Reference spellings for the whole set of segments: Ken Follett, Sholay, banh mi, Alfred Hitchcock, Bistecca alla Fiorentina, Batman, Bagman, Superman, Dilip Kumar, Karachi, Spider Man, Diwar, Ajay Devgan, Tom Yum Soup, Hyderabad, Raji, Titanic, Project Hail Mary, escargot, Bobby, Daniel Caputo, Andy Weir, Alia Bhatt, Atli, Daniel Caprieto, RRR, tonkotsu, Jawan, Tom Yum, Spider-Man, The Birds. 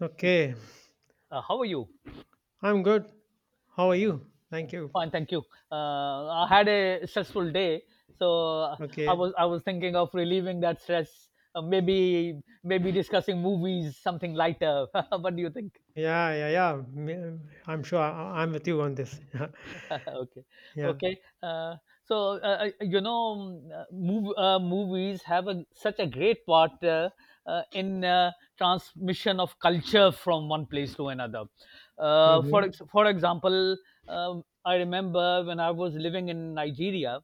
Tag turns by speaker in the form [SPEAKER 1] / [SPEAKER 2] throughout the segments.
[SPEAKER 1] Okay,
[SPEAKER 2] How are you?
[SPEAKER 1] I'm good. How are you? Thank you.
[SPEAKER 2] Fine, thank you. I had a stressful day, so I
[SPEAKER 1] Okay.
[SPEAKER 2] was I was thinking of relieving that stress. Maybe discussing movies, something lighter. What do you think?
[SPEAKER 1] Yeah, yeah, yeah. I'm sure I'm with you on this.
[SPEAKER 2] Okay,
[SPEAKER 1] Yeah.
[SPEAKER 2] okay. Uh, so you know, mm, mov- Movies have such a great part, in transmission of culture from one place to another. Uh, for
[SPEAKER 1] Mm-hmm.
[SPEAKER 2] ex- for example, I remember when I was living in Nigeria.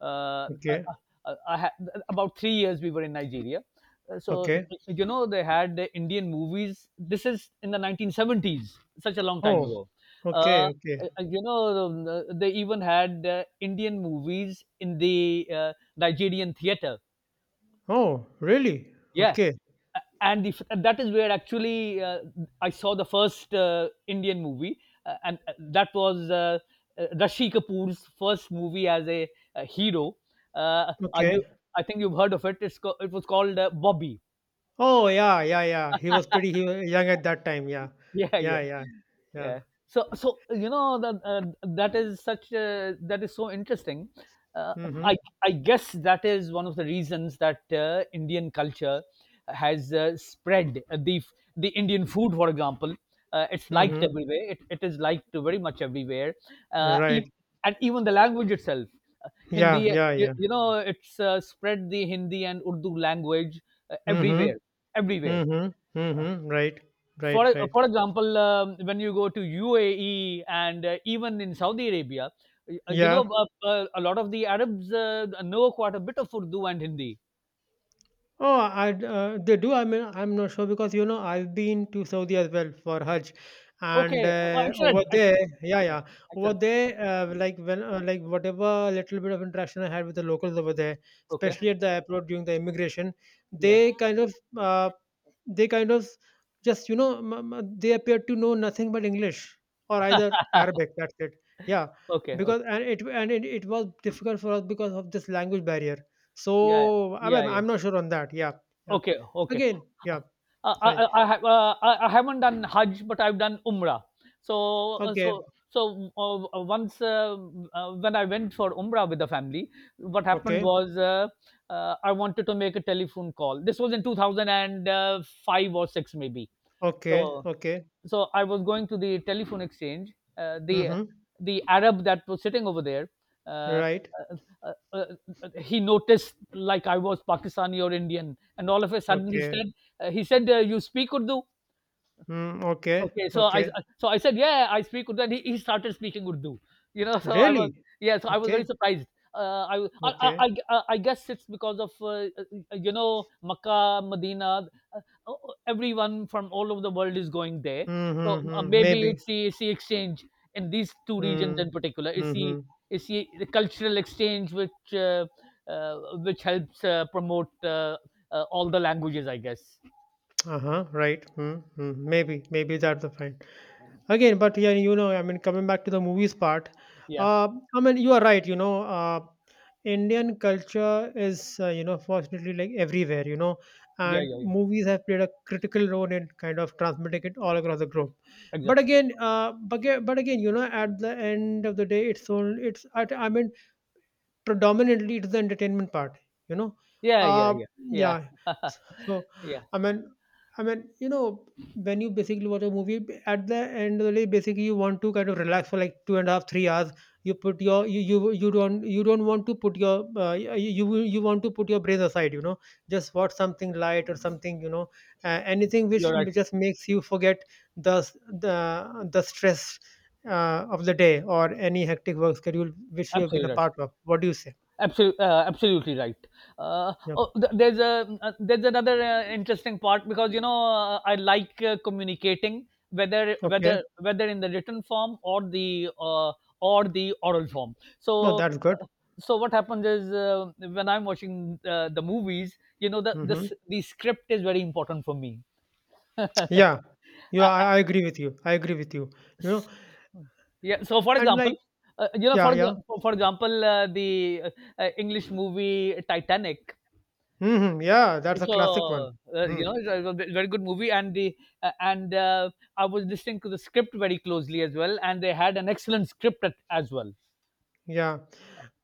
[SPEAKER 2] Uh, I,
[SPEAKER 1] Okay.
[SPEAKER 2] I had about 3 years we were in Nigeria. Uh, So
[SPEAKER 1] Okay.
[SPEAKER 2] y- you know they had the Indian movies. This is in the 1970s, such a long time
[SPEAKER 1] Oh.
[SPEAKER 2] ago.
[SPEAKER 1] Okay.
[SPEAKER 2] Uh,
[SPEAKER 1] Okay.
[SPEAKER 2] they even had Indian movies in the Nigerian theater.
[SPEAKER 1] Oh, really?
[SPEAKER 2] Yeah.
[SPEAKER 1] Okay.
[SPEAKER 2] A- and if, and that is where, actually, I saw the first Indian movie, and that was, Rashi Kapoor's first movie as a hero. Uh, are
[SPEAKER 1] Okay.
[SPEAKER 2] you, I think you've heard of it. It was called Bobby.
[SPEAKER 1] Oh, yeah, yeah, yeah. He was pretty he was young at that time. Yeah.
[SPEAKER 2] Yeah,
[SPEAKER 1] Yeah,
[SPEAKER 2] yeah.
[SPEAKER 1] yeah, yeah.
[SPEAKER 2] yeah so you know that, that is so interesting. uh, i
[SPEAKER 1] Mm-hmm.
[SPEAKER 2] i guess that is one of the reasons that Indian culture has spread the the Indian food, for example. It's liked
[SPEAKER 1] Mm-hmm.
[SPEAKER 2] everywhere. It is liked very much everywhere. uh,
[SPEAKER 1] Right.
[SPEAKER 2] ev- and even the language itself. Uh, Hindi.
[SPEAKER 1] Yeah,
[SPEAKER 2] uh,
[SPEAKER 1] yeah,
[SPEAKER 2] you,
[SPEAKER 1] yeah.
[SPEAKER 2] you know it's spread the Hindi and Urdu language everywhere,
[SPEAKER 1] Mm-hmm.
[SPEAKER 2] everywhere.
[SPEAKER 1] Mm-hmm. Mm-hmm. Right.
[SPEAKER 2] for
[SPEAKER 1] Right.
[SPEAKER 2] e-
[SPEAKER 1] Right.
[SPEAKER 2] for example, when you go to UAE and even in Saudi Arabia,
[SPEAKER 1] Yeah.
[SPEAKER 2] a lot of the Arabs know quite a bit of Urdu and Hindi.
[SPEAKER 1] Oh, they do. I mean, I'm not sure because you know I've been to Saudi as well for Hajj, and
[SPEAKER 2] Okay. Oh,
[SPEAKER 1] over
[SPEAKER 2] excellent,
[SPEAKER 1] there,
[SPEAKER 2] excellent,
[SPEAKER 1] yeah, yeah,
[SPEAKER 2] excellent,
[SPEAKER 1] over
[SPEAKER 2] excellent.
[SPEAKER 1] there, like when, like whatever little bit of interaction I had with the locals over there,
[SPEAKER 2] Okay.
[SPEAKER 1] especially at the airport during the immigration,
[SPEAKER 2] Yeah.
[SPEAKER 1] they kind of, uh, they kind of just you know they appear to know nothing but English or either Arabic. That's it. Yeah,
[SPEAKER 2] Okay, okay.
[SPEAKER 1] because and it was difficult for us because of this language barrier
[SPEAKER 2] Yeah,
[SPEAKER 1] so, I'm
[SPEAKER 2] yeah,
[SPEAKER 1] I'm
[SPEAKER 2] yeah.
[SPEAKER 1] I'm not sure on that. Yeah, yeah.
[SPEAKER 2] Okay, okay.
[SPEAKER 1] Again, yeah,
[SPEAKER 2] I
[SPEAKER 1] fine.
[SPEAKER 2] I haven't done Hajj, but I've done Umrah. So uh,
[SPEAKER 1] Okay,
[SPEAKER 2] so so once, when I went for Umrah with the family, what happened
[SPEAKER 1] okay,
[SPEAKER 2] was, I wanted to make a telephone call. This was in 2005 or six, maybe.
[SPEAKER 1] okay,
[SPEAKER 2] So
[SPEAKER 1] okay.
[SPEAKER 2] so I was going to the telephone exchange. Uh, the
[SPEAKER 1] Mm-hmm.
[SPEAKER 2] the Arab that was sitting over there, uh, uh,
[SPEAKER 1] Right.
[SPEAKER 2] uh, uh, he noticed like I was Pakistani or Indian, and all of a sudden he
[SPEAKER 1] Okay.
[SPEAKER 2] said, "You speak Urdu?"
[SPEAKER 1] Mm, okay,
[SPEAKER 2] Okay, so I
[SPEAKER 1] okay.
[SPEAKER 2] so I said, "Yeah, I speak Urdu," and he started speaking Urdu. You know. so I was
[SPEAKER 1] Really?
[SPEAKER 2] Yeah, so I was
[SPEAKER 1] Okay,
[SPEAKER 2] very surprised. I, was-
[SPEAKER 1] okay.
[SPEAKER 2] I guess it's because of, Makkah, Medina, uh, uh, everyone from all over the world is going there.
[SPEAKER 1] Mm-hmm.
[SPEAKER 2] So
[SPEAKER 1] Mm-hmm.
[SPEAKER 2] maybe
[SPEAKER 1] Maybe.
[SPEAKER 2] it's the exchange in these two regions
[SPEAKER 1] Mm.
[SPEAKER 2] in particular. It's the
[SPEAKER 1] Mm-hmm.
[SPEAKER 2] it's the, the cultural exchange uh, which helps promote all the languages, I guess.
[SPEAKER 1] Uh-huh. Right. Mm-hmm. Maybe. Maybe that's the fine. Again, but yeah, I mean, coming back to the movies part,
[SPEAKER 2] Yeah,
[SPEAKER 1] uh, I mean, you are right. Indian culture is, fortunately like everywhere.
[SPEAKER 2] yeah,
[SPEAKER 1] And
[SPEAKER 2] yeah, yeah.
[SPEAKER 1] movies have played a critical role in kind of transmitting it all across the globe. But
[SPEAKER 2] Exactly.
[SPEAKER 1] again, uh, but, aga- but again, at the end of the day, it's all it's. I mean, predominantly, it is the entertainment part, you know.
[SPEAKER 2] Yeah, yeah, yeah, yeah,
[SPEAKER 1] Yeah. So,
[SPEAKER 2] yeah.
[SPEAKER 1] I mean, I mean, when you basically watch a movie, at the end of the day, basically you want to kind of relax for like 2.5, 3 hours. You put your you don't want to put your you want to put your brain aside, you know. Just watch something light or something, anything
[SPEAKER 2] You're
[SPEAKER 1] which
[SPEAKER 2] right.
[SPEAKER 1] just makes you forget the the stress of the day or any hectic work schedule which you have been a
[SPEAKER 2] Absolutely right.
[SPEAKER 1] part of. What do you say?
[SPEAKER 2] Absolutely, absolutely right.
[SPEAKER 1] Yep.
[SPEAKER 2] Oh, there's another interesting part because, you know, I like communicating, whether
[SPEAKER 1] Okay.
[SPEAKER 2] whether whether in the written form or the oral form.
[SPEAKER 1] No,
[SPEAKER 2] So
[SPEAKER 1] that's good.
[SPEAKER 2] uh, so what happens is, when I'm watching the movies, you know, the
[SPEAKER 1] Mhm.
[SPEAKER 2] this the script is very important for me.
[SPEAKER 1] Yeah. Yeah,
[SPEAKER 2] I,
[SPEAKER 1] I agree with you. I agree with you. You know,
[SPEAKER 2] Yeah. So, for
[SPEAKER 1] and like,
[SPEAKER 2] example,
[SPEAKER 1] yeah,
[SPEAKER 2] for
[SPEAKER 1] yeah.
[SPEAKER 2] exa- for example, the English movie Titanic.
[SPEAKER 1] Yeah, that's a classic one.
[SPEAKER 2] So,
[SPEAKER 1] Mm.
[SPEAKER 2] very good movie, and I was listening to the script very closely as well, and they had an excellent script as well.
[SPEAKER 1] Yeah.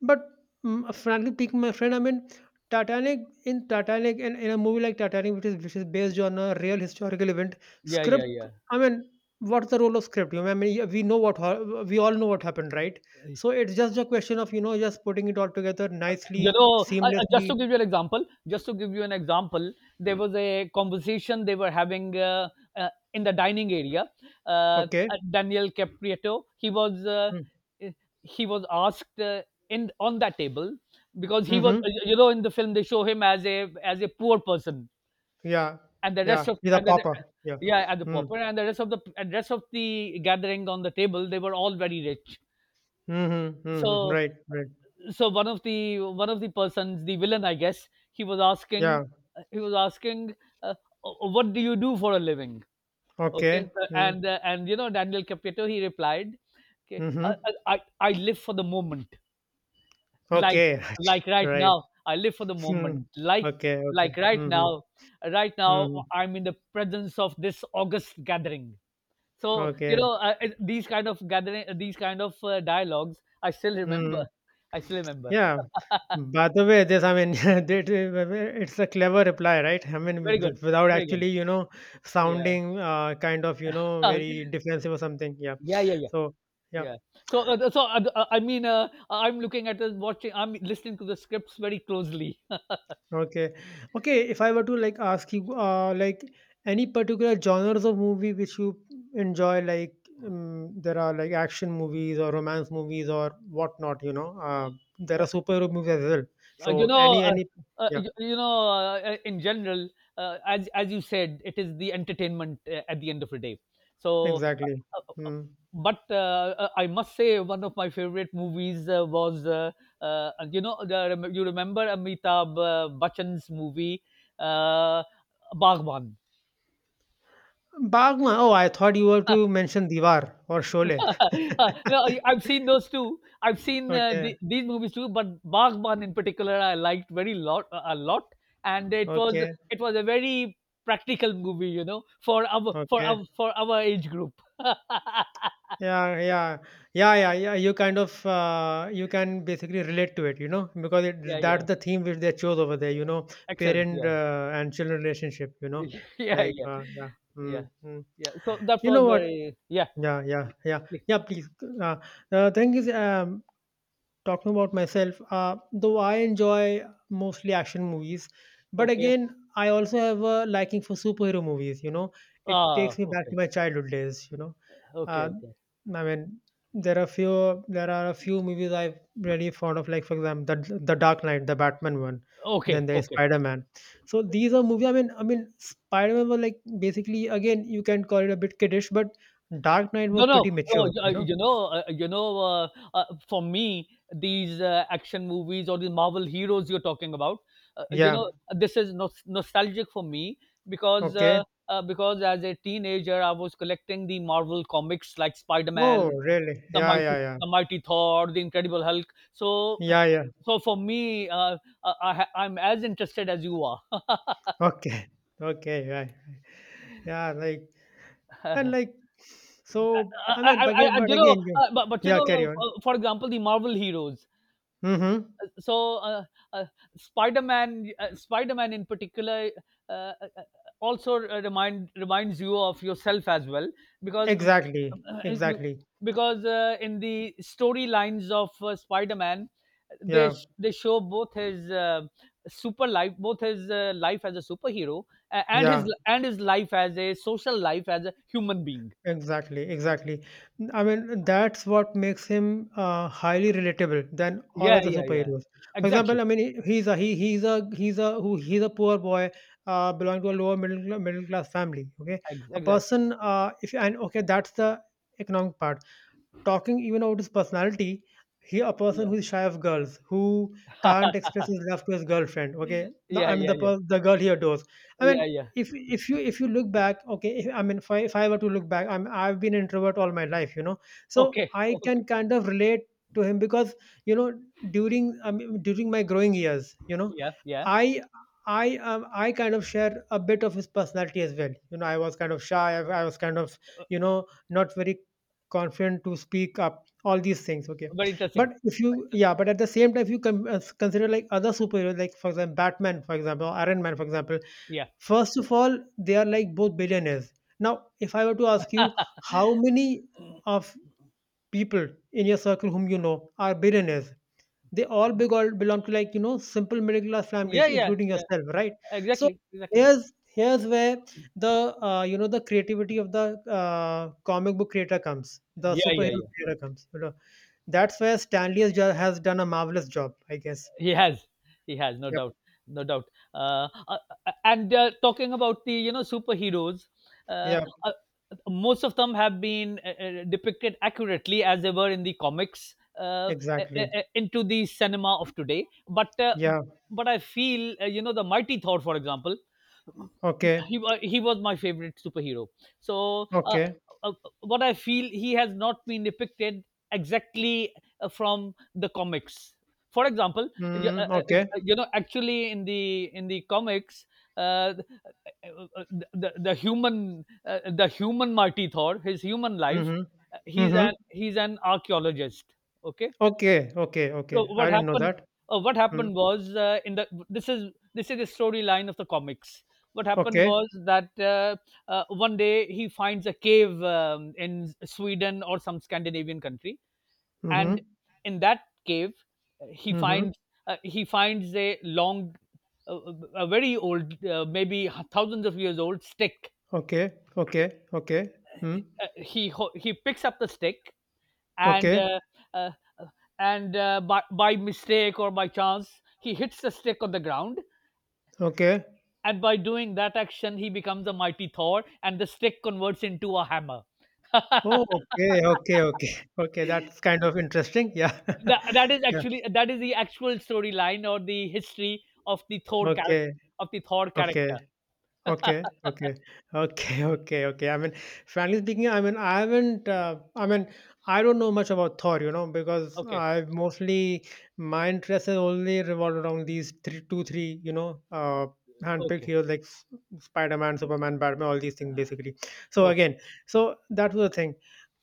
[SPEAKER 1] But frankly speaking, my friend, I mean, in a movie like Titanic, which is based on a real historical event,
[SPEAKER 2] Yeah, yeah,
[SPEAKER 1] script.
[SPEAKER 2] yeah.
[SPEAKER 1] I mean, what's the role of script? You know, I mean, yeah, we know we all know what happened, right? So it's just a question of just putting it all together nicely,
[SPEAKER 2] Just
[SPEAKER 1] seamlessly.
[SPEAKER 2] to give you an example, just to give you an example, there was a conversation they were having, in the dining area. Uh,
[SPEAKER 1] Okay.
[SPEAKER 2] uh, Daniel Caprieto,
[SPEAKER 1] Mm.
[SPEAKER 2] eh, he was asked, in on that table because he was,
[SPEAKER 1] Mhm.
[SPEAKER 2] you know, in the film they show him as a poor person,
[SPEAKER 1] Yeah,
[SPEAKER 2] and the rest
[SPEAKER 1] yeah,
[SPEAKER 2] of
[SPEAKER 1] he's a
[SPEAKER 2] and the
[SPEAKER 1] papa. Yeah.
[SPEAKER 2] yeah, and the
[SPEAKER 1] Mm.
[SPEAKER 2] pauper and the rest of the and rest of the gathering on the table, they were all very rich.
[SPEAKER 1] Mm-hmm. Mm-hmm.
[SPEAKER 2] So
[SPEAKER 1] Right, right.
[SPEAKER 2] so one of the persons, the villain I guess,
[SPEAKER 1] Yeah.
[SPEAKER 2] he was asking, uh, "Oh, oh, what do you do for a living?" Okay.
[SPEAKER 1] Okay. Mm.
[SPEAKER 2] And you know, Daniel Caputo, he replied, "Okay,
[SPEAKER 1] Mm-hmm.
[SPEAKER 2] I i I live for the moment, like
[SPEAKER 1] Okay.
[SPEAKER 2] like right
[SPEAKER 1] Right.
[SPEAKER 2] now I live for the
[SPEAKER 1] Mm.
[SPEAKER 2] moment, like
[SPEAKER 1] Okay,
[SPEAKER 2] like
[SPEAKER 1] okay.
[SPEAKER 2] right
[SPEAKER 1] Mm-hmm.
[SPEAKER 2] now, right now
[SPEAKER 1] Mm-hmm.
[SPEAKER 2] I'm in the presence of this august gathering."
[SPEAKER 1] Okay.
[SPEAKER 2] These kind of gathering, these kind of dialogues, i still remember
[SPEAKER 1] Mm.
[SPEAKER 2] i still remember
[SPEAKER 1] Yeah. By the way, I mean, it's a clever reply, right? I mean,
[SPEAKER 2] Very good,
[SPEAKER 1] without
[SPEAKER 2] very good.
[SPEAKER 1] actually,
[SPEAKER 2] Yeah.
[SPEAKER 1] sounding kind of,
[SPEAKER 2] Uh,
[SPEAKER 1] very defensive or something. Yeah.
[SPEAKER 2] yeah, yeah, yeah,
[SPEAKER 1] So, yeah.
[SPEAKER 2] yeah. So, I mean, I'm looking at the, watching. I'm listening to the scripts very closely.
[SPEAKER 1] Okay. Okay, if I were to like ask you like any particular genres of movie which you enjoy, like there are like action movies or romance movies or whatnot. There
[SPEAKER 2] Uh,
[SPEAKER 1] are superhero movies as well.
[SPEAKER 2] uh, you
[SPEAKER 1] So
[SPEAKER 2] know,
[SPEAKER 1] any
[SPEAKER 2] uh,
[SPEAKER 1] any yeah,
[SPEAKER 2] in general, as you said, it is the entertainment, at the end of the day. So,
[SPEAKER 1] exactly.
[SPEAKER 2] uh, uh, uh,
[SPEAKER 1] Hmm.
[SPEAKER 2] but I must say, one of my favorite movies, was, you remember Amitabh Bachchan's movie, uh, Baghwan.
[SPEAKER 1] Bagman. Oh, I thought you were to mention Diwar or Sholay.
[SPEAKER 2] No, I've seen those too. I've seen
[SPEAKER 1] Okay,
[SPEAKER 2] these movies too, but Baghban in particular, I liked very lot a lot, and it was
[SPEAKER 1] okay,
[SPEAKER 2] it was a very practical movie, you know, for our for
[SPEAKER 1] okay.
[SPEAKER 2] our for our age group.
[SPEAKER 1] Yeah, yeah, yeah, yeah, yeah. You kind of You can basically relate to it, you know, because
[SPEAKER 2] Yeah,
[SPEAKER 1] that's
[SPEAKER 2] yeah,
[SPEAKER 1] the theme which they chose over there,
[SPEAKER 2] excellent.
[SPEAKER 1] parent
[SPEAKER 2] Yeah.
[SPEAKER 1] and children relationship,
[SPEAKER 2] Yeah, yeah,
[SPEAKER 1] yeah,
[SPEAKER 2] yeah,
[SPEAKER 1] mm, mm.
[SPEAKER 2] yeah. So that
[SPEAKER 1] You know
[SPEAKER 2] was
[SPEAKER 1] what?
[SPEAKER 2] very, yeah.
[SPEAKER 1] Yeah, yeah, yeah, yeah. Please, uh, the thing is, talking about myself, though I enjoy mostly action movies, but
[SPEAKER 2] Okay.
[SPEAKER 1] again, I also have a liking for superhero movies. You know, it
[SPEAKER 2] Ah,
[SPEAKER 1] takes me back
[SPEAKER 2] okay,
[SPEAKER 1] to my childhood days.
[SPEAKER 2] okay,
[SPEAKER 1] Uh,
[SPEAKER 2] okay,
[SPEAKER 1] I mean, there are a few movies I've really fond of, like for example, the Dark Knight, the Batman one.
[SPEAKER 2] okay,
[SPEAKER 1] Then there's
[SPEAKER 2] okay.
[SPEAKER 1] Spider Man. So these are movies. I mean, Spider Man was like basically again you can call it a bit kiddish, but Dark Knight
[SPEAKER 2] No,
[SPEAKER 1] was
[SPEAKER 2] no,
[SPEAKER 1] pretty mature.
[SPEAKER 2] no.
[SPEAKER 1] You know,
[SPEAKER 2] For me, these action movies, or the Marvel heroes you're talking about, uh, you
[SPEAKER 1] yeah,
[SPEAKER 2] know, this is nostalgic for me, because
[SPEAKER 1] okay.
[SPEAKER 2] uh, uh, because as a teenager, I was collecting the Marvel comics like
[SPEAKER 1] Oh,
[SPEAKER 2] Spider-Man,
[SPEAKER 1] really?
[SPEAKER 2] the
[SPEAKER 1] Yeah, yeah,
[SPEAKER 2] mighty,
[SPEAKER 1] yeah.
[SPEAKER 2] the mighty Thor, the Incredible Hulk. So,
[SPEAKER 1] Yeah, yeah.
[SPEAKER 2] so, for me, I'm as interested as you are.
[SPEAKER 1] Okay. Okay, right. Yeah, like and like so I mean but again you
[SPEAKER 2] But you
[SPEAKER 1] yeah,
[SPEAKER 2] know,
[SPEAKER 1] carry on.
[SPEAKER 2] for example, the Marvel heroes.
[SPEAKER 1] Mm-hmm.
[SPEAKER 2] so uh, uh, Spider-Man in particular, uh, uh, uh, also reminds you of yourself as well, because
[SPEAKER 1] Exactly.
[SPEAKER 2] uh, uh,
[SPEAKER 1] Exactly.
[SPEAKER 2] because in the storylines of Spider-Man,
[SPEAKER 1] Yeah.
[SPEAKER 2] they show both his, super life both his life as a superhero, and his
[SPEAKER 1] Yeah.
[SPEAKER 2] and his life as a, social life as a human being.
[SPEAKER 1] Exactly, exactly. I mean, that's what makes him highly relatable than all
[SPEAKER 2] Yeah,
[SPEAKER 1] other
[SPEAKER 2] yeah, yeah,
[SPEAKER 1] superheroes. For
[SPEAKER 2] exactly.
[SPEAKER 1] example, I mean, he he's a who he's a poor boy, belonging to a lower middle middle class family. Okay, a
[SPEAKER 2] Exactly.
[SPEAKER 1] person. If and okay, that's the economic part talking even about his personality, he a person
[SPEAKER 2] Yeah.
[SPEAKER 1] who is shy of girls, who can't express his love to his girlfriend. Okay,
[SPEAKER 2] Yeah, yeah,
[SPEAKER 1] I mean
[SPEAKER 2] yeah, yeah,
[SPEAKER 1] the girl he adores. I mean,
[SPEAKER 2] yeah, yeah.
[SPEAKER 1] if you look back, okay, if I were to look back, I've been an introvert all my life, you know, so
[SPEAKER 2] Okay.
[SPEAKER 1] I can kind of relate to him because you know during I mean, during my growing years.
[SPEAKER 2] Yeah, yeah.
[SPEAKER 1] I. I kind of share a bit of his personality as well. You know, I was kind of shy. I was kind of not very confident to speak up all these things okay
[SPEAKER 2] Very interesting.
[SPEAKER 1] but if you
[SPEAKER 2] Very
[SPEAKER 1] yeah
[SPEAKER 2] interesting.
[SPEAKER 1] but at the same time if you consider like other superheroes like for example Batman for example or Iron Man for example
[SPEAKER 2] Yeah.
[SPEAKER 1] first of all they are like both billionaires now if I were to ask you how many of people in your circle whom you know are billionaires they all big belong to like simple middle class
[SPEAKER 2] Yeah,
[SPEAKER 1] families,
[SPEAKER 2] yeah,
[SPEAKER 1] including
[SPEAKER 2] yeah.
[SPEAKER 1] yourself, right? So
[SPEAKER 2] Exactly, exactly.
[SPEAKER 1] here's where the the creativity of the comic book creator comes, the
[SPEAKER 2] Yeah, yeah,
[SPEAKER 1] superhero
[SPEAKER 2] yeah.
[SPEAKER 1] creator comes. You know, that's where Stanley has done a marvelous job, I guess.
[SPEAKER 2] He has. He has, no
[SPEAKER 1] Yep.
[SPEAKER 2] doubt. No doubt. Uh, uh, and Talking about, you know, superheroes, uh,
[SPEAKER 1] Yeah.
[SPEAKER 2] uh, most of them have been, depicted accurately as they were in the comics,
[SPEAKER 1] Exactly.
[SPEAKER 2] into the cinema of today. But uh,
[SPEAKER 1] Yeah.
[SPEAKER 2] but I feel, you know, the mighty Thor, for example,
[SPEAKER 1] Okay.
[SPEAKER 2] he was my favorite superhero. So
[SPEAKER 1] Okay.
[SPEAKER 2] uh, what I feel, he has not been depicted exactly, from the comics. For example,
[SPEAKER 1] Mm, okay.
[SPEAKER 2] actually in the comics, uh, the human Marty Thor, his human life,
[SPEAKER 1] Mm-hmm.
[SPEAKER 2] he's
[SPEAKER 1] Mm-hmm.
[SPEAKER 2] an he's an archaeologist. Okay,
[SPEAKER 1] Okay. Okay.
[SPEAKER 2] so
[SPEAKER 1] Okay. I
[SPEAKER 2] what
[SPEAKER 1] didn't know
[SPEAKER 2] happened?
[SPEAKER 1] that.
[SPEAKER 2] What
[SPEAKER 1] Mm.
[SPEAKER 2] happened was, in the this is the storyline of the comics. What happened
[SPEAKER 1] Okay.
[SPEAKER 2] was that, one day he finds a cave, in Sweden or some Scandinavian country, and
[SPEAKER 1] Mm-hmm.
[SPEAKER 2] in that cave uh, he
[SPEAKER 1] Mm-hmm.
[SPEAKER 2] finds he finds a long, a very old, maybe thousands of years old stick.
[SPEAKER 1] Okay, okay, okay. Hmm.
[SPEAKER 2] He picks up the stick, and
[SPEAKER 1] Okay,
[SPEAKER 2] uh, uh, and by mistake or by chance, he hits the stick on the ground,
[SPEAKER 1] okay.
[SPEAKER 2] and by doing that action, he becomes a mighty Thor, and the stick converts into a hammer. that,
[SPEAKER 1] Oh, okay, okay, okay. Okay, that's kind of interesting. Yeah.
[SPEAKER 2] that is
[SPEAKER 1] Yeah.
[SPEAKER 2] actually that is the actual storyline, or the history, of the Thor character,
[SPEAKER 1] Okay,
[SPEAKER 2] of the thor
[SPEAKER 1] okay.
[SPEAKER 2] character
[SPEAKER 1] Okay, okay, okay, okay, okay. I mean, frankly speaking, I mean, I haven't, I mean, I don't know much about Thor, you know, because
[SPEAKER 2] Okay,
[SPEAKER 1] I've mostly, my interest has only revolved around these three, two, three, handpicked
[SPEAKER 2] okay,
[SPEAKER 1] heroes like Spider-Man, Superman, Batman, all these things basically. So
[SPEAKER 2] okay.
[SPEAKER 1] again, so that was the thing.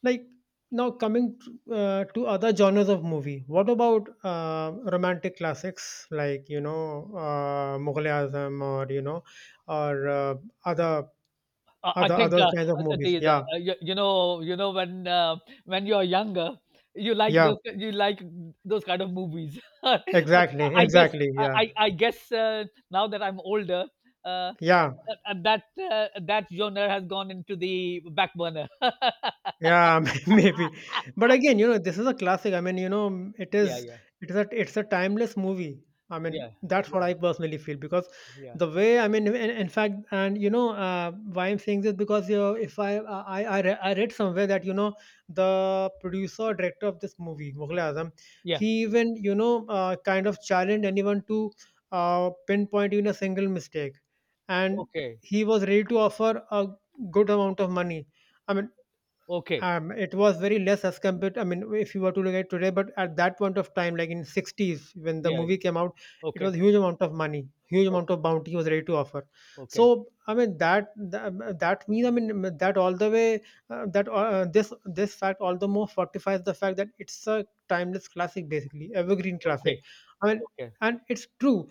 [SPEAKER 1] Like now coming to other genres of movie, what about romantic classics like, Mughal Azam or, or uh, other
[SPEAKER 2] I think,
[SPEAKER 1] other kinds of movies.
[SPEAKER 2] the
[SPEAKER 1] Yeah,
[SPEAKER 2] you know when, when you're younger,
[SPEAKER 1] yeah,
[SPEAKER 2] you like those kind of movies. But
[SPEAKER 1] exactly,
[SPEAKER 2] i guess
[SPEAKER 1] exactly. Yeah,
[SPEAKER 2] i i guess now that I'm older, uh,
[SPEAKER 1] yeah.
[SPEAKER 2] uh, that that genre has gone into the back burner.
[SPEAKER 1] Yeah, maybe. But again, this is a classic. I mean, it
[SPEAKER 2] Yeah,
[SPEAKER 1] is
[SPEAKER 2] yeah,
[SPEAKER 1] it's a timeless movie. I mean,
[SPEAKER 2] yeah,
[SPEAKER 1] that's what
[SPEAKER 2] yeah,
[SPEAKER 1] I personally feel because
[SPEAKER 2] yeah,
[SPEAKER 1] the way I mean, in fact, and why I'm saying this because if I I, re- I read somewhere that the producer director of this movie, Mughal Azam,
[SPEAKER 2] yeah.
[SPEAKER 1] he even kind of challenged anyone to pinpoint even a single mistake, and
[SPEAKER 2] Okay,
[SPEAKER 1] he was ready to offer a good amount of money. I mean,
[SPEAKER 2] okay,
[SPEAKER 1] it was very less as compared. I mean, if you were to look at today, but at that point of time, like in 60s when the
[SPEAKER 2] yeah,
[SPEAKER 1] movie came out, it
[SPEAKER 2] okay,
[SPEAKER 1] was huge amount of money, huge amount
[SPEAKER 2] okay,
[SPEAKER 1] of bounty was ready to offer.
[SPEAKER 2] okay,
[SPEAKER 1] So I mean that means I mean that all the way that this fact all the more fortifies the fact that it's a timeless classic, basically evergreen
[SPEAKER 2] okay,
[SPEAKER 1] classic. I mean,
[SPEAKER 2] okay.
[SPEAKER 1] and it's true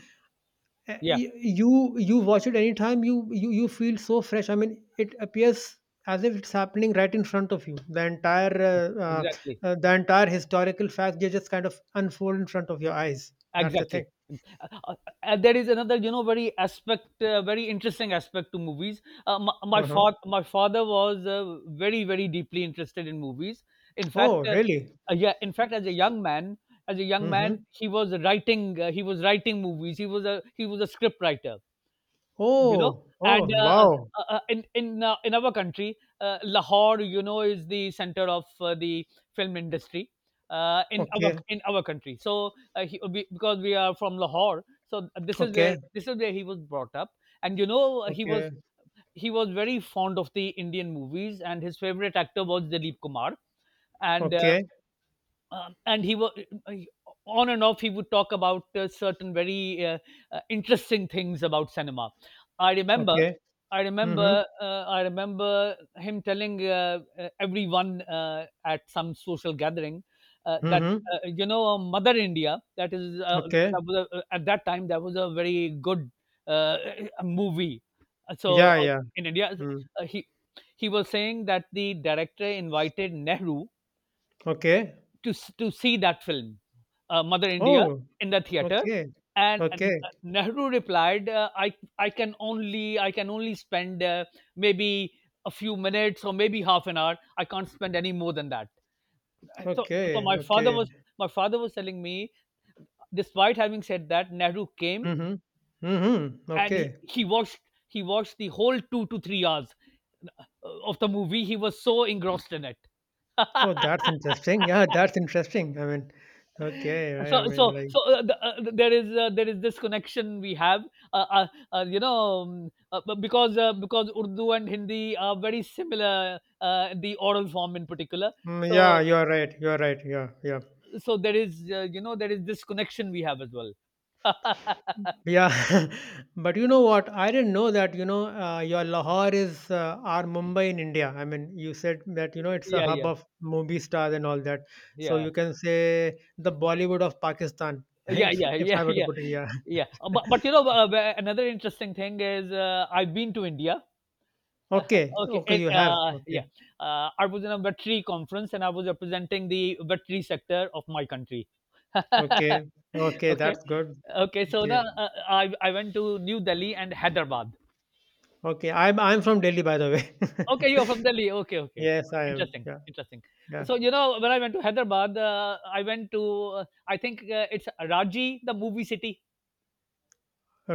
[SPEAKER 1] uh,
[SPEAKER 2] Yeah,
[SPEAKER 1] y- you you watch it anytime you feel so fresh I mean it appears as if it's happening right in front of you
[SPEAKER 2] exactly,
[SPEAKER 1] the entire historical fact they just kind of unfold in front of your eyes that's the thing
[SPEAKER 2] exactly. Uh, uh, there is another, you know, very aspect, very interesting aspect to movies. My my,
[SPEAKER 1] uh-huh.
[SPEAKER 2] fa- my father was, very, very deeply interested in movies. In
[SPEAKER 1] Oh
[SPEAKER 2] fact,
[SPEAKER 1] really
[SPEAKER 2] Yeah, as a young man,
[SPEAKER 1] mm-hmm.
[SPEAKER 2] he was writing. He was writing movies. He was a script writer. You know,
[SPEAKER 1] Oh oh
[SPEAKER 2] and uh, uh,
[SPEAKER 1] wow
[SPEAKER 2] uh, uh, in in our country, Lahore, is the center of the film industry. In our
[SPEAKER 1] okay
[SPEAKER 2] in our country, so because we are from Lahore, so this is where
[SPEAKER 1] okay
[SPEAKER 2] this is where he was brought up, and he was
[SPEAKER 1] okay
[SPEAKER 2] he was very fond of the Indian movies, and his favorite actor was Dilip Kumar, and uh,
[SPEAKER 1] okay
[SPEAKER 2] and he was on and off he would talk about certain very interesting things about cinema. i remember
[SPEAKER 1] okay
[SPEAKER 2] i
[SPEAKER 1] mm-hmm.
[SPEAKER 2] remember uh, i remember him telling everyone at some social gathering, that
[SPEAKER 1] Mm-hmm.
[SPEAKER 2] Mother India,
[SPEAKER 1] Okay
[SPEAKER 2] that was a, at that time, that was a very good uh, movie. so
[SPEAKER 1] yeah
[SPEAKER 2] uh,
[SPEAKER 1] yeah
[SPEAKER 2] in India,
[SPEAKER 1] mm.
[SPEAKER 2] uh, he he was saying that the director invited Nehru
[SPEAKER 1] Okay
[SPEAKER 2] to s to see that film, Mother India,
[SPEAKER 1] oh
[SPEAKER 2] in the theater,
[SPEAKER 1] okay
[SPEAKER 2] and
[SPEAKER 1] okay
[SPEAKER 2] Nehru replied, I can only spend maybe a few minutes or maybe half an hour. I can't spend any more than that." So, so
[SPEAKER 1] okay
[SPEAKER 2] my father
[SPEAKER 1] okay
[SPEAKER 2] was my father was telling me, despite having said that, Nehru came,
[SPEAKER 1] Mhm. Mhm.
[SPEAKER 2] and he,
[SPEAKER 1] Okay.
[SPEAKER 2] he watched the whole 2 to 3 hours of the movie. He was so engrossed in it.
[SPEAKER 1] Oh, that's interesting. Yeah, that's interesting. I mean, okay.
[SPEAKER 2] so
[SPEAKER 1] I
[SPEAKER 2] so
[SPEAKER 1] mean, like,
[SPEAKER 2] so there is this connection we have, uh, uh, uh, you know because Urdu and Hindi are very similar, the oral form in particular. so
[SPEAKER 1] yeah, you're right. You're right. Yeah, yeah,
[SPEAKER 2] so there is this connection we have as well.
[SPEAKER 1] yeah. But you know what? I didn't know that. Your Lahore is our Mumbai in India. I mean, you said that you know it's a
[SPEAKER 2] Yeah,
[SPEAKER 1] hub
[SPEAKER 2] yeah,
[SPEAKER 1] of movie stars and all that. So
[SPEAKER 2] yeah,
[SPEAKER 1] you can say the Bollywood of Pakistan,
[SPEAKER 2] yeah,
[SPEAKER 1] if
[SPEAKER 2] yeah,
[SPEAKER 1] if
[SPEAKER 2] yeah,
[SPEAKER 1] I were to
[SPEAKER 2] yeah,
[SPEAKER 1] put it. Yeah.
[SPEAKER 2] yeah. Uh, but, but another interesting thing is, I've been to India. Uh,
[SPEAKER 1] Okay.
[SPEAKER 2] okay,
[SPEAKER 1] Okay.
[SPEAKER 2] and,
[SPEAKER 1] You have.
[SPEAKER 2] uh,
[SPEAKER 1] Okay.
[SPEAKER 2] yeah, I was in a battery conference and I was representing the battery sector of my country.
[SPEAKER 1] Okay. Okay.
[SPEAKER 2] Okay,
[SPEAKER 1] That's good.
[SPEAKER 2] okay. So
[SPEAKER 1] Okay.
[SPEAKER 2] the I went to New Delhi and Hyderabad.
[SPEAKER 1] Okay, I'm from Delhi, by the way.
[SPEAKER 2] Okay, you're from Delhi. Okay, okay.
[SPEAKER 1] Yes, I am.
[SPEAKER 2] Interesting,
[SPEAKER 1] Yeah,
[SPEAKER 2] interesting.
[SPEAKER 1] yeah.
[SPEAKER 2] So when I went to Hyderabad, I went to I think it's Raji, the movie city.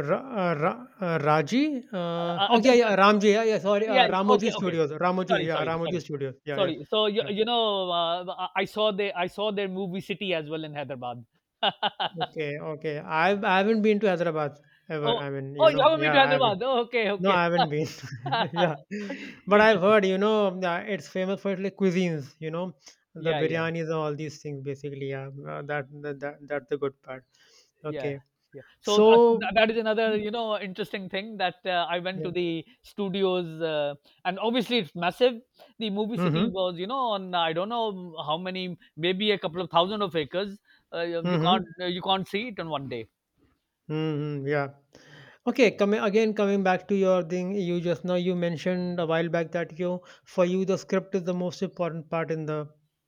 [SPEAKER 1] Ra Ra Raji?
[SPEAKER 2] Uh,
[SPEAKER 1] Uh,
[SPEAKER 2] uh,
[SPEAKER 1] oh, yeah,
[SPEAKER 2] th-
[SPEAKER 1] yeah, Ramji. Yeah, yeah, sorry.
[SPEAKER 2] Yeah, yeah,
[SPEAKER 1] Ramoji
[SPEAKER 2] okay, okay.
[SPEAKER 1] Studios. Ramoji,
[SPEAKER 2] Sorry,
[SPEAKER 1] yeah,
[SPEAKER 2] sorry,
[SPEAKER 1] Ramoji
[SPEAKER 2] sorry.
[SPEAKER 1] Studios. Yeah, yeah,
[SPEAKER 2] Sorry. So
[SPEAKER 1] yeah.
[SPEAKER 2] I saw the I saw their movie City as well in Hyderabad.
[SPEAKER 1] Okay, okay. I haven't been to Hyderabad ever.
[SPEAKER 2] oh,
[SPEAKER 1] I mean,
[SPEAKER 2] oh,
[SPEAKER 1] you
[SPEAKER 2] you
[SPEAKER 1] know,
[SPEAKER 2] have me to
[SPEAKER 1] yeah, I haven't.
[SPEAKER 2] Hyderabad. Oh, okay,
[SPEAKER 1] No, I
[SPEAKER 2] okay.
[SPEAKER 1] haven't been. Yeah. But I've
[SPEAKER 2] Interesting.
[SPEAKER 1] heard, you know, it's famous for its like cuisines, you know, the
[SPEAKER 2] Yeah, yeah,
[SPEAKER 1] biryanis and all these things, basically. Yeah, that's the good part.
[SPEAKER 2] yeah,
[SPEAKER 1] Okay.
[SPEAKER 2] yeah. So that, so
[SPEAKER 1] So,
[SPEAKER 2] that that is another, interesting thing that I went
[SPEAKER 1] yeah.
[SPEAKER 2] to the studios, and obviously it's massive. The movie city
[SPEAKER 1] Mm-hmm.
[SPEAKER 2] was on I don't know how many, maybe a couple of thousand of acres.
[SPEAKER 1] Mhm.
[SPEAKER 2] You can't see it in one day.
[SPEAKER 1] Mhm, yeah. Okay, coming back to your thing, you just now you mentioned a while back that you, for you the script is the most important part in the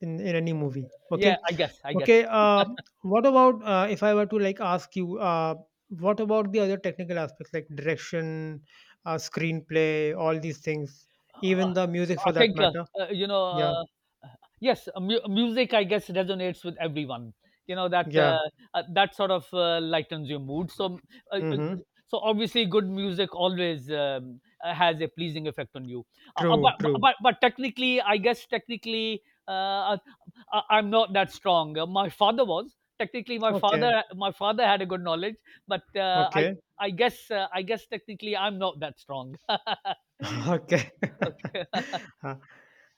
[SPEAKER 1] in any movie. Okay.
[SPEAKER 2] Yeah, I guess, I guess.
[SPEAKER 1] Okay, what about if I were to like ask you, what about the other technical aspects like direction, screenplay, all these things, even the music for
[SPEAKER 2] I
[SPEAKER 1] that
[SPEAKER 2] think,
[SPEAKER 1] matter?
[SPEAKER 2] uh, you know,
[SPEAKER 1] Yeah.
[SPEAKER 2] uh, yes, music, I guess, resonates with everyone. You know that,
[SPEAKER 1] Yeah.
[SPEAKER 2] that sort of, lightens your mood. Uh, uh,
[SPEAKER 1] Mhm.
[SPEAKER 2] so obviously, good music always, has a pleasing effect on you. Uh, uh, but,
[SPEAKER 1] True, true.
[SPEAKER 2] but technically, I guess technically, uh, I, I'm not that strong. My father was technically my
[SPEAKER 1] Okay.
[SPEAKER 2] father. My father had a good knowledge, but
[SPEAKER 1] Okay.
[SPEAKER 2] I guess technically, I'm not that strong.
[SPEAKER 1] Okay.
[SPEAKER 2] Okay.
[SPEAKER 1] Uh,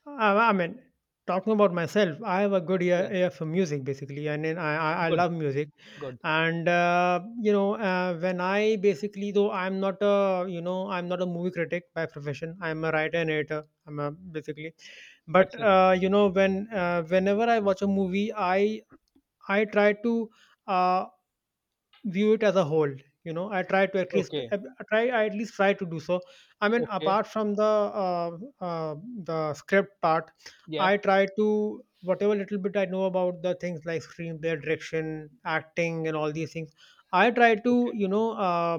[SPEAKER 1] I mean, talking about myself, I have a good ear,
[SPEAKER 2] Yeah.
[SPEAKER 1] ear for music basically, and then I
[SPEAKER 2] Good.
[SPEAKER 1] love music.
[SPEAKER 2] Good.
[SPEAKER 1] And you know, when I basically, though I'm not a, you know, I'm not a movie critic by profession. I'm a writer and editor. I'm a, basically, but
[SPEAKER 2] Excellent.
[SPEAKER 1] you know when whenever I watch a movie, I try to Uh, view it as a whole. You know, I try to, at least
[SPEAKER 2] Okay.
[SPEAKER 1] I try I at least try to do so. I mean,
[SPEAKER 2] Okay.
[SPEAKER 1] apart from the the script part,
[SPEAKER 2] Yeah.
[SPEAKER 1] I try to, whatever little bit I know about the things like screenplay, direction, acting and all these things, I try to,
[SPEAKER 2] Okay.
[SPEAKER 1] you know, uh,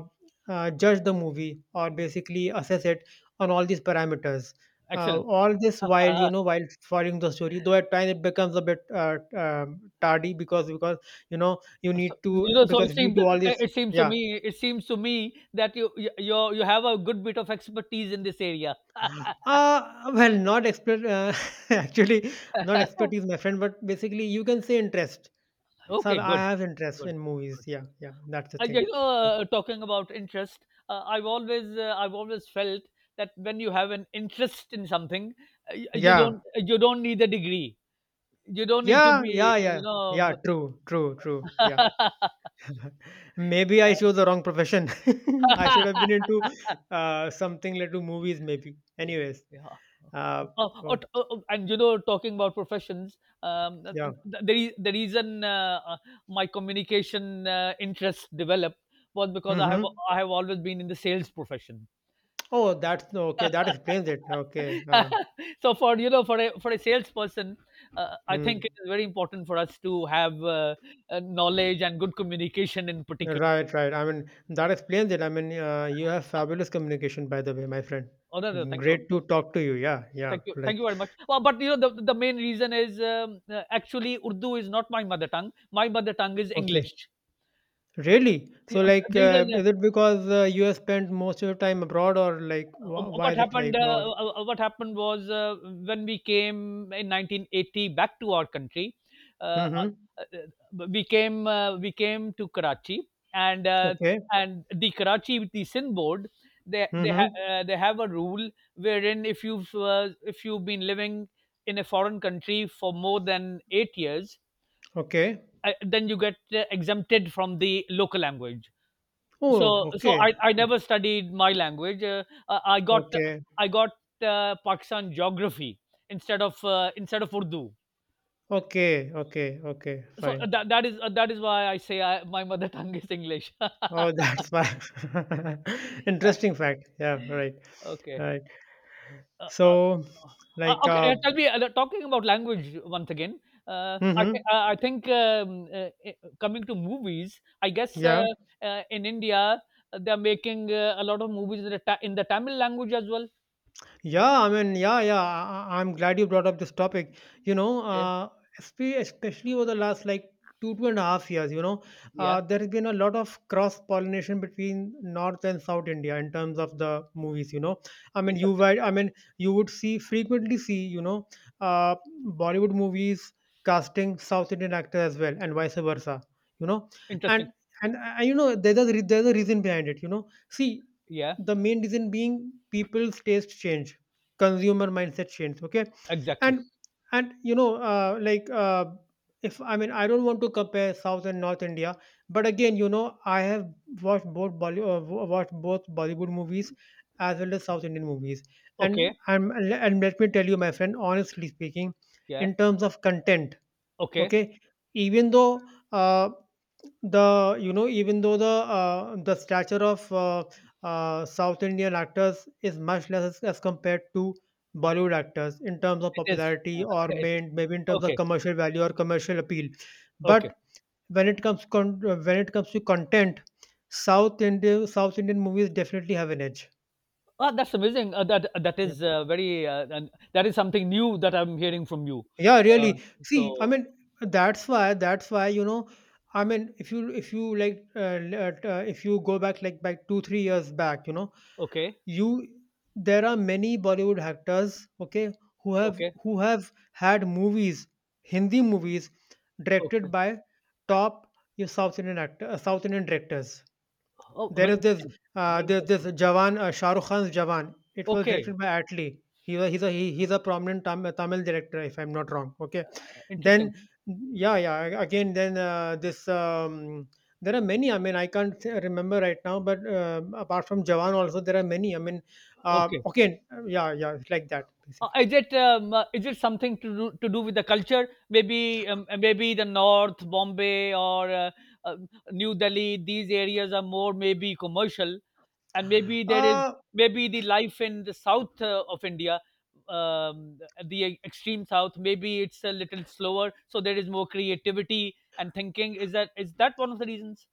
[SPEAKER 1] uh, judge the movie or basically assess it on all these parameters,
[SPEAKER 2] Excellent.
[SPEAKER 1] all this while, you
[SPEAKER 2] Uh,
[SPEAKER 1] know, while following the story, though at times it becomes a bit tardy, because you know you need
[SPEAKER 2] so,
[SPEAKER 1] to,
[SPEAKER 2] you know, so
[SPEAKER 1] because
[SPEAKER 2] it
[SPEAKER 1] if you
[SPEAKER 2] seems
[SPEAKER 1] do all this.
[SPEAKER 2] it seems to
[SPEAKER 1] Yeah.
[SPEAKER 2] me it seems to me that you have a good bit of expertise in this area.
[SPEAKER 1] Well, not expert, actually, not expertise, my friend, but basically, you can say interest. So
[SPEAKER 2] Okay,
[SPEAKER 1] I
[SPEAKER 2] good,
[SPEAKER 1] have interest
[SPEAKER 2] good,
[SPEAKER 1] in movies.
[SPEAKER 2] good,
[SPEAKER 1] Yeah,
[SPEAKER 2] good.
[SPEAKER 1] yeah, that's the
[SPEAKER 2] Uh, you
[SPEAKER 1] thing.
[SPEAKER 2] know, Talking about interest, I've always felt that when you have an interest in something, you don't,
[SPEAKER 1] Yeah,
[SPEAKER 2] you don't need a degree. You don't need to
[SPEAKER 1] yeah,
[SPEAKER 2] be,
[SPEAKER 1] yeah, yeah,
[SPEAKER 2] you
[SPEAKER 1] yeah,
[SPEAKER 2] know.
[SPEAKER 1] true, true, true. Yeah. Maybe
[SPEAKER 2] Yeah.
[SPEAKER 1] I chose the wrong profession. I should have been into something like to movies, maybe.
[SPEAKER 2] Yeah,
[SPEAKER 1] Anyways,
[SPEAKER 2] yeah.
[SPEAKER 1] uh,
[SPEAKER 2] Uh, uh,
[SPEAKER 1] so,
[SPEAKER 2] t- uh, uh, and you know, talking about professions,
[SPEAKER 1] yeah.
[SPEAKER 2] the reason my communication, interest developed was because
[SPEAKER 1] Mm-hmm.
[SPEAKER 2] I have always been in the sales profession.
[SPEAKER 1] Oh, that's okay. That explains it. Okay.
[SPEAKER 2] So for you know for a salesperson, I
[SPEAKER 1] Mm.
[SPEAKER 2] think it is very important for us to have, knowledge and good communication in particular.
[SPEAKER 1] Right, right. I mean, that explains it. I mean, you have fabulous communication, by the way, my friend.
[SPEAKER 2] Oh no, no, thank you.
[SPEAKER 1] Great to talk to you. Yeah, yeah.
[SPEAKER 2] Thank you, thank
[SPEAKER 1] Like,
[SPEAKER 2] you very much. Well, but the main reason is, actually Urdu is not my mother tongue. My mother tongue is
[SPEAKER 1] okay.
[SPEAKER 2] English.
[SPEAKER 1] Really? So, like,
[SPEAKER 2] The reason
[SPEAKER 1] is it because you have spent most of your time abroad, or like, why
[SPEAKER 2] what
[SPEAKER 1] is it like,
[SPEAKER 2] happened uh,
[SPEAKER 1] or?
[SPEAKER 2] uh, uh, what happened was, when we came in 1980 back to our country, uh, uh,
[SPEAKER 1] Mm-hmm.
[SPEAKER 2] we came to Karachi,
[SPEAKER 1] Okay.
[SPEAKER 2] and the Karachi with the Sin board.
[SPEAKER 1] Mm-hmm.
[SPEAKER 2] They have a rule wherein if you've been living in a foreign country for more than 8 years.
[SPEAKER 1] Okay.
[SPEAKER 2] Then you get exempted from the local language.
[SPEAKER 1] Oh,
[SPEAKER 2] So I,
[SPEAKER 1] okay.
[SPEAKER 2] I never studied my language.
[SPEAKER 1] Okay.
[SPEAKER 2] I got Pakistan geography instead of Urdu.
[SPEAKER 1] Okay. Okay. Okay.
[SPEAKER 2] So,
[SPEAKER 1] Fine.
[SPEAKER 2] that is why I say, my mother tongue is English.
[SPEAKER 1] Oh, that's fine. Interesting fact. Yeah, right.
[SPEAKER 2] Okay.
[SPEAKER 1] Right.
[SPEAKER 2] Uh, uh,
[SPEAKER 1] So, like,
[SPEAKER 2] okay, tell me, talking about language once again,
[SPEAKER 1] mm-hmm.
[SPEAKER 2] I think, coming to movies, I guess,
[SPEAKER 1] Yeah.
[SPEAKER 2] in India, they're making, a lot of movies in in the Tamil language as well.
[SPEAKER 1] Yeah, I mean, yeah, yeah. I'm glad you brought up this topic. You know,
[SPEAKER 2] Okay.
[SPEAKER 1] especially over the last like 2.5 years, you know,
[SPEAKER 2] Yeah.
[SPEAKER 1] there has been a lot of cross pollination between North and South India in terms of the movies. You know, I mean,
[SPEAKER 2] Interesting.
[SPEAKER 1] I mean, you would see, frequently see, you know, uh, Bollywood movies casting South Indian actors as well, and vice versa. You know, and
[SPEAKER 2] Interesting.
[SPEAKER 1] you know, there's a reason behind it. You know, see,
[SPEAKER 2] Yeah.
[SPEAKER 1] the main reason being people's taste change, consumer mindset change, okay, and
[SPEAKER 2] Exactly.
[SPEAKER 1] you know, like, if I mean, I don't want to compare South and North India, but again, you know, I have watched both watched both Bollywood movies as well as South Indian movies, and
[SPEAKER 2] Okay.
[SPEAKER 1] let me tell you, my friend, honestly speaking,
[SPEAKER 2] Yeah.
[SPEAKER 1] in terms of content,
[SPEAKER 2] Okay.
[SPEAKER 1] okay, even though, uh, the stature of South Indian actors is much less as compared to Bollywood actors in terms of
[SPEAKER 2] It is.
[SPEAKER 1] popularity, or
[SPEAKER 2] It is.
[SPEAKER 1] maybe in terms of
[SPEAKER 2] Okay.
[SPEAKER 1] commercial value or commercial appeal,
[SPEAKER 2] Okay.
[SPEAKER 1] but when it comes when it comes to content, South Indian movies definitely have an edge.
[SPEAKER 2] Oh, that's amazing.
[SPEAKER 1] Yeah.
[SPEAKER 2] That is something new that I'm hearing from you.
[SPEAKER 1] Yeah, really,
[SPEAKER 2] Uh,
[SPEAKER 1] see, I
[SPEAKER 2] so
[SPEAKER 1] mean, that's why, you know, I mean, if you, like, if you go back like back 2 3 years back, you know,
[SPEAKER 2] okay,
[SPEAKER 1] you there are many Bollywood actors, okay, who have,
[SPEAKER 2] okay.
[SPEAKER 1] had movies, Hindi movies,
[SPEAKER 2] Okay.
[SPEAKER 1] directed by top, you south indian actor, south indian directors.
[SPEAKER 2] Oh,
[SPEAKER 1] There
[SPEAKER 2] very
[SPEAKER 1] is this
[SPEAKER 2] interesting. Very
[SPEAKER 1] this
[SPEAKER 2] interesting.
[SPEAKER 1] Jawan, Shah Rukh Khan's Jawan. It was
[SPEAKER 2] Okay,
[SPEAKER 1] directed by Atli. He was he's a he, he's a prominent Tamil director, if I'm not wrong. Okay,
[SPEAKER 2] interesting.
[SPEAKER 1] then yeah yeah again then, this there are many. I mean, I can't remember right now, but apart from Jawan also there are many. I mean,
[SPEAKER 2] Okay.
[SPEAKER 1] okay, yeah yeah, it's like that basically.
[SPEAKER 2] Is it something to do with the culture? Maybe, maybe the North Bombay or, uh, New Delhi. These areas are more maybe commercial, and maybe there is
[SPEAKER 1] Uh,
[SPEAKER 2] maybe the life in the south, of India, um, the extreme south. Maybe it's a little slower, so there is more creativity and thinking. Is that one of the reasons?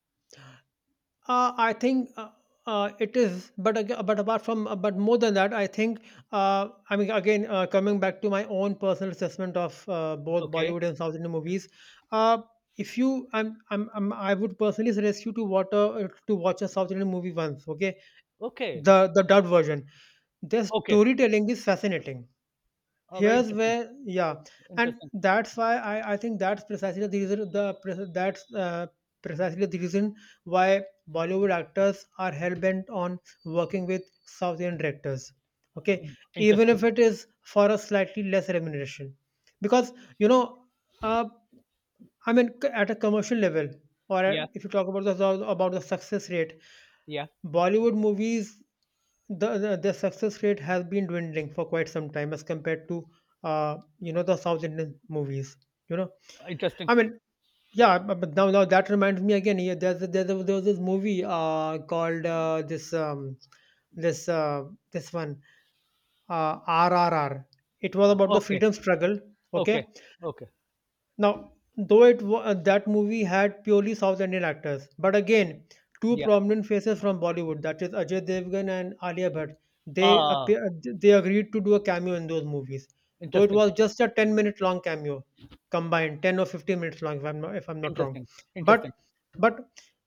[SPEAKER 1] I think, it is, but aga but apart from, but more than that, I think, I mean, again, coming back to my own personal assessment of both
[SPEAKER 2] Okay.
[SPEAKER 1] Bollywood and South Indian movies, uh, if you, I'm, I would personally suggest you to watch a South Indian movie once, okay?
[SPEAKER 2] Okay.
[SPEAKER 1] The dubbed version. Their
[SPEAKER 2] Okay.
[SPEAKER 1] storytelling is fascinating,
[SPEAKER 2] Oh, very
[SPEAKER 1] here's
[SPEAKER 2] interesting.
[SPEAKER 1] where, yeah, and
[SPEAKER 2] Interesting.
[SPEAKER 1] that's why I think that's precisely the reason, the pre- that's precisely the reason why Bollywood actors are hell-bent on working with South Indian directors, okay, even
[SPEAKER 2] Interesting.
[SPEAKER 1] if it is for a slightly less remuneration, because you know, uh, I mean, c at a commercial level, or
[SPEAKER 2] Yeah,
[SPEAKER 1] at if you talk about the, success rate,
[SPEAKER 2] yeah.
[SPEAKER 1] Bollywood movies, the success rate has been dwindling for quite some time as compared to, uh, you know, the South Indian movies, you know?
[SPEAKER 2] Interesting.
[SPEAKER 1] I mean, yeah, bu but now that reminds me again, yeah, there was this movie, called, this, uh, this one, RRR. It was about the
[SPEAKER 2] Okay,
[SPEAKER 1] freedom struggle, okay?
[SPEAKER 2] okay, okay.
[SPEAKER 1] Now, though that movie had purely South Indian actors, but again, two
[SPEAKER 2] Yeah.
[SPEAKER 1] prominent faces from Bollywood, that is Ajay Devgan and Alia Bhatt, they
[SPEAKER 2] Ah,
[SPEAKER 1] appear, they agreed to do a cameo in those movies. Though it
[SPEAKER 2] interesting,
[SPEAKER 1] was just a 10-minute long cameo combined, 10 or 15 minutes long, if I'm not wrong.
[SPEAKER 2] interesting, interesting.
[SPEAKER 1] But but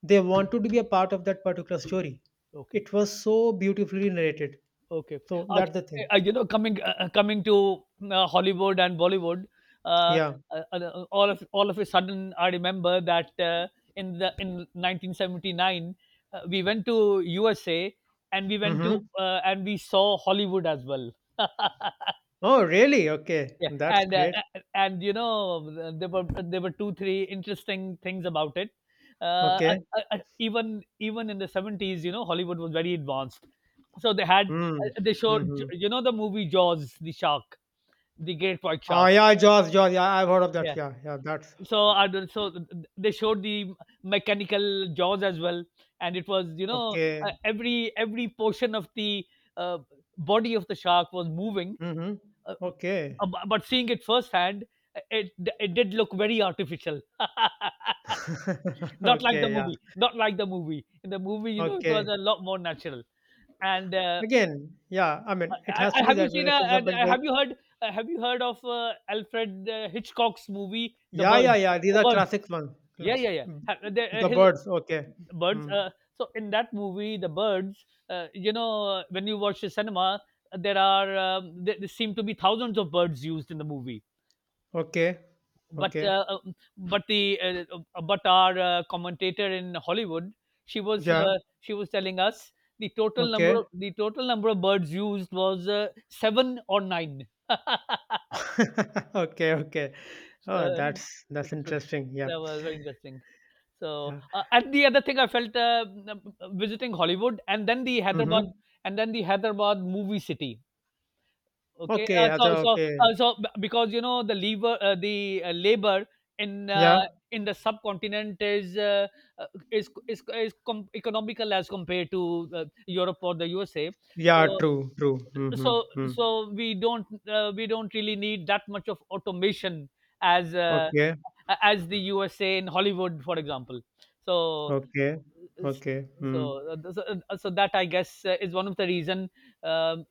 [SPEAKER 1] they wanted to be a part of that particular story.
[SPEAKER 2] Okay,
[SPEAKER 1] It was so beautifully narrated.
[SPEAKER 2] okay, okay.
[SPEAKER 1] So
[SPEAKER 2] Uh,
[SPEAKER 1] that's the thing.
[SPEAKER 2] coming to, Hollywood and Bollywood, uh,
[SPEAKER 1] Yeah.
[SPEAKER 2] all of a sudden, I remember that, in 1979, we went to USA, and we went to,
[SPEAKER 1] Mm-hmm.
[SPEAKER 2] and we saw Hollywood as well.
[SPEAKER 1] Oh, really? Okay.
[SPEAKER 2] Yeah,
[SPEAKER 1] That's
[SPEAKER 2] and
[SPEAKER 1] great.
[SPEAKER 2] there were two three interesting things about it. Uh,
[SPEAKER 1] Okay.
[SPEAKER 2] even in the 70s, you know, Hollywood was very advanced. So they had
[SPEAKER 1] Mm.
[SPEAKER 2] they showed
[SPEAKER 1] Mhm.
[SPEAKER 2] the movie Jaws, the shark, the great white
[SPEAKER 1] Oh,
[SPEAKER 2] shark.
[SPEAKER 1] yeah, Jaws, Jaws. Yeah, I've heard of that.
[SPEAKER 2] Yeah.
[SPEAKER 1] Yeah, yeah, that's
[SPEAKER 2] So I don't- so th- th- They showed the mechanical jaws as well, and it was,
[SPEAKER 1] okay.
[SPEAKER 2] every portion of the, uh, body of the shark was moving.
[SPEAKER 1] Mhm.
[SPEAKER 2] Uh,
[SPEAKER 1] Okay.
[SPEAKER 2] but seeing it firsthand, it it did look very artificial. Not like the
[SPEAKER 1] Okay, yeah.
[SPEAKER 2] movie. Not like the movie. In the movie, you know, it was
[SPEAKER 1] Okay.
[SPEAKER 2] a lot more natural. And uh,
[SPEAKER 1] Again, yeah, I mean, it has to be
[SPEAKER 2] have you
[SPEAKER 1] that way.
[SPEAKER 2] seen?
[SPEAKER 1] Like, for example, with,
[SPEAKER 2] Have you heard? Have you heard of Alfred Hitchcock's movie, The
[SPEAKER 1] yeah, yeah,
[SPEAKER 2] Birds?
[SPEAKER 1] yeah. These
[SPEAKER 2] The
[SPEAKER 1] are
[SPEAKER 2] Birds.
[SPEAKER 1] classic ones.
[SPEAKER 2] Yeah, yeah, yeah.
[SPEAKER 1] Mm, The
[SPEAKER 2] His
[SPEAKER 1] birds. Okay.
[SPEAKER 2] birds.
[SPEAKER 1] Mm.
[SPEAKER 2] So in that movie, The Birds. When you watch the cinema, there are, there seem to be thousands of birds used in the movie,
[SPEAKER 1] Okay. Okay.
[SPEAKER 2] but the but our commentator in Hollywood,
[SPEAKER 1] Yeah.
[SPEAKER 2] she was telling us the
[SPEAKER 1] Okay.
[SPEAKER 2] total number of birds used was, seven or nine.
[SPEAKER 1] Okay. Okay. Oh,
[SPEAKER 2] Uh,
[SPEAKER 1] that's
[SPEAKER 2] so
[SPEAKER 1] interesting. Yeah.
[SPEAKER 2] that was very interesting. So,
[SPEAKER 1] Yeah.
[SPEAKER 2] and the other thing I felt, visiting Hollywood and then the Hyderabad,
[SPEAKER 1] Mm-hmm.
[SPEAKER 2] movie city. Okay,
[SPEAKER 1] Okay.
[SPEAKER 2] uh, so so
[SPEAKER 1] Okay.
[SPEAKER 2] uh, so because the, labor in uh,
[SPEAKER 1] Yeah.
[SPEAKER 2] in the subcontinent is, uh, economical as compared to, Europe or the USA. So
[SPEAKER 1] Yeah. True. True. Mm-hmm.
[SPEAKER 2] so
[SPEAKER 1] Hmm.
[SPEAKER 2] so we don't really need that much of automation as,
[SPEAKER 1] Okay,
[SPEAKER 2] as the USA in Hollywood, for example. So
[SPEAKER 1] okay, okay.
[SPEAKER 2] so uh, so, so that, I guess, is one of the reason, um,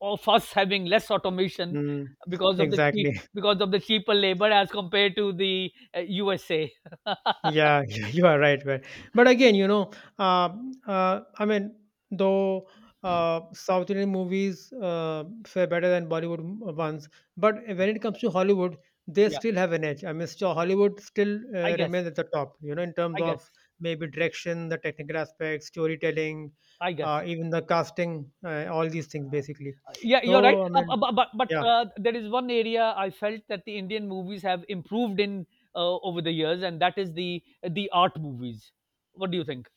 [SPEAKER 2] of us having less automation
[SPEAKER 1] mm,
[SPEAKER 2] because of the cheap
[SPEAKER 1] exactly.
[SPEAKER 2] because of the cheaper labor as compared to the, USA.
[SPEAKER 1] Yeah, yeah, you are right, right. But again, you know, I mean, though South Indian movies fare better than Bollywood ones, but when it comes to Hollywood, they
[SPEAKER 2] Yeah,
[SPEAKER 1] still have an edge. I mean, still, Hollywood still
[SPEAKER 2] i guess
[SPEAKER 1] remains at the top, you know, in terms
[SPEAKER 2] i guess
[SPEAKER 1] of maybe direction, the technical aspects, storytelling,
[SPEAKER 2] i guess
[SPEAKER 1] even the casting, all these things, basically.
[SPEAKER 2] Yeah, you're right,
[SPEAKER 1] So, I
[SPEAKER 2] bu-
[SPEAKER 1] mean,
[SPEAKER 2] bu- but
[SPEAKER 1] yeah.
[SPEAKER 2] there is one area I felt that the Indian movies have improved in, over the years, and that is the art movies. What do you think?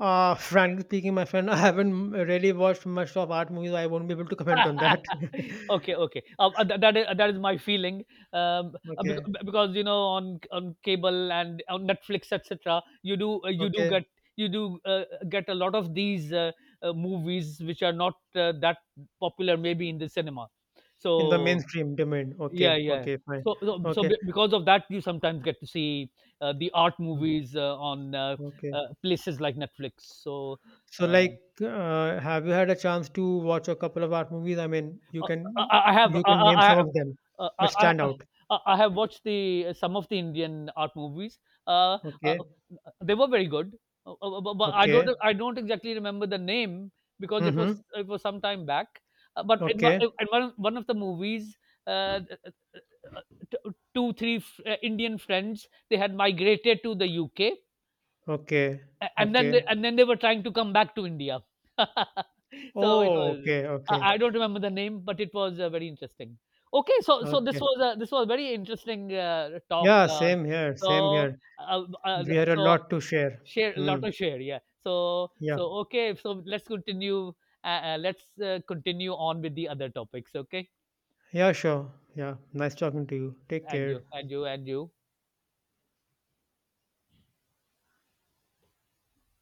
[SPEAKER 1] Frankly speaking, my friend, I haven't really watched much of art movies, so I won't be able to comment on that.
[SPEAKER 2] Okay, okay. That is my feeling.
[SPEAKER 1] Okay,
[SPEAKER 2] Because on cable and on Netflix, etc. You do,
[SPEAKER 1] okay.
[SPEAKER 2] you do uh, get a lot of these, movies which are not, that popular maybe in the cinema.
[SPEAKER 1] In the
[SPEAKER 2] So
[SPEAKER 1] mainstream domain.
[SPEAKER 2] yeah,
[SPEAKER 1] Okay,
[SPEAKER 2] yeah.
[SPEAKER 1] okay, fine.
[SPEAKER 2] So so, so
[SPEAKER 1] Okay,
[SPEAKER 2] be- because of that, you sometimes get to see, the art
[SPEAKER 1] mm,
[SPEAKER 2] movies, on,
[SPEAKER 1] okay.
[SPEAKER 2] places like Netflix. So.
[SPEAKER 1] So,
[SPEAKER 2] uh,
[SPEAKER 1] like, have you had a chance to watch a couple of art movies? I mean,
[SPEAKER 2] Uh, I I have
[SPEAKER 1] you
[SPEAKER 2] I
[SPEAKER 1] can
[SPEAKER 2] I,
[SPEAKER 1] name
[SPEAKER 2] I,
[SPEAKER 1] some of them
[SPEAKER 2] I,
[SPEAKER 1] which stand
[SPEAKER 2] I
[SPEAKER 1] out.
[SPEAKER 2] I have watched the some of the Indian art movies. Uh, uh,
[SPEAKER 1] Okay,
[SPEAKER 2] they were very good, but I don't,
[SPEAKER 1] okay.
[SPEAKER 2] exactly remember the name because
[SPEAKER 1] Mm-hmm.
[SPEAKER 2] it was some time back. Uh, but in, one-
[SPEAKER 1] Okay,
[SPEAKER 2] in one of- one of the movies, uh, two three Indian friends they had migrated to the UK,
[SPEAKER 1] okay,
[SPEAKER 2] a and then they,
[SPEAKER 1] okay.
[SPEAKER 2] were trying to come back to India. So it
[SPEAKER 1] Oh,
[SPEAKER 2] was
[SPEAKER 1] okay,
[SPEAKER 2] I
[SPEAKER 1] okay,
[SPEAKER 2] I don't remember the name, but it was, very interesting. Okay, so
[SPEAKER 1] okay.
[SPEAKER 2] this was very interesting, talk,
[SPEAKER 1] Yeah, same here,
[SPEAKER 2] so,
[SPEAKER 1] same here.
[SPEAKER 2] uh, uh,
[SPEAKER 1] We had a
[SPEAKER 2] so
[SPEAKER 1] lot to share.
[SPEAKER 2] share
[SPEAKER 1] Hmm.
[SPEAKER 2] lot of share, yeah. So
[SPEAKER 1] Yeah.
[SPEAKER 2] so okay, so let's, continue on with the other topics, okay?
[SPEAKER 1] Yeah, sure. Yeah. Nice talking to you. Take
[SPEAKER 2] And
[SPEAKER 1] care.
[SPEAKER 2] you, and you, and you.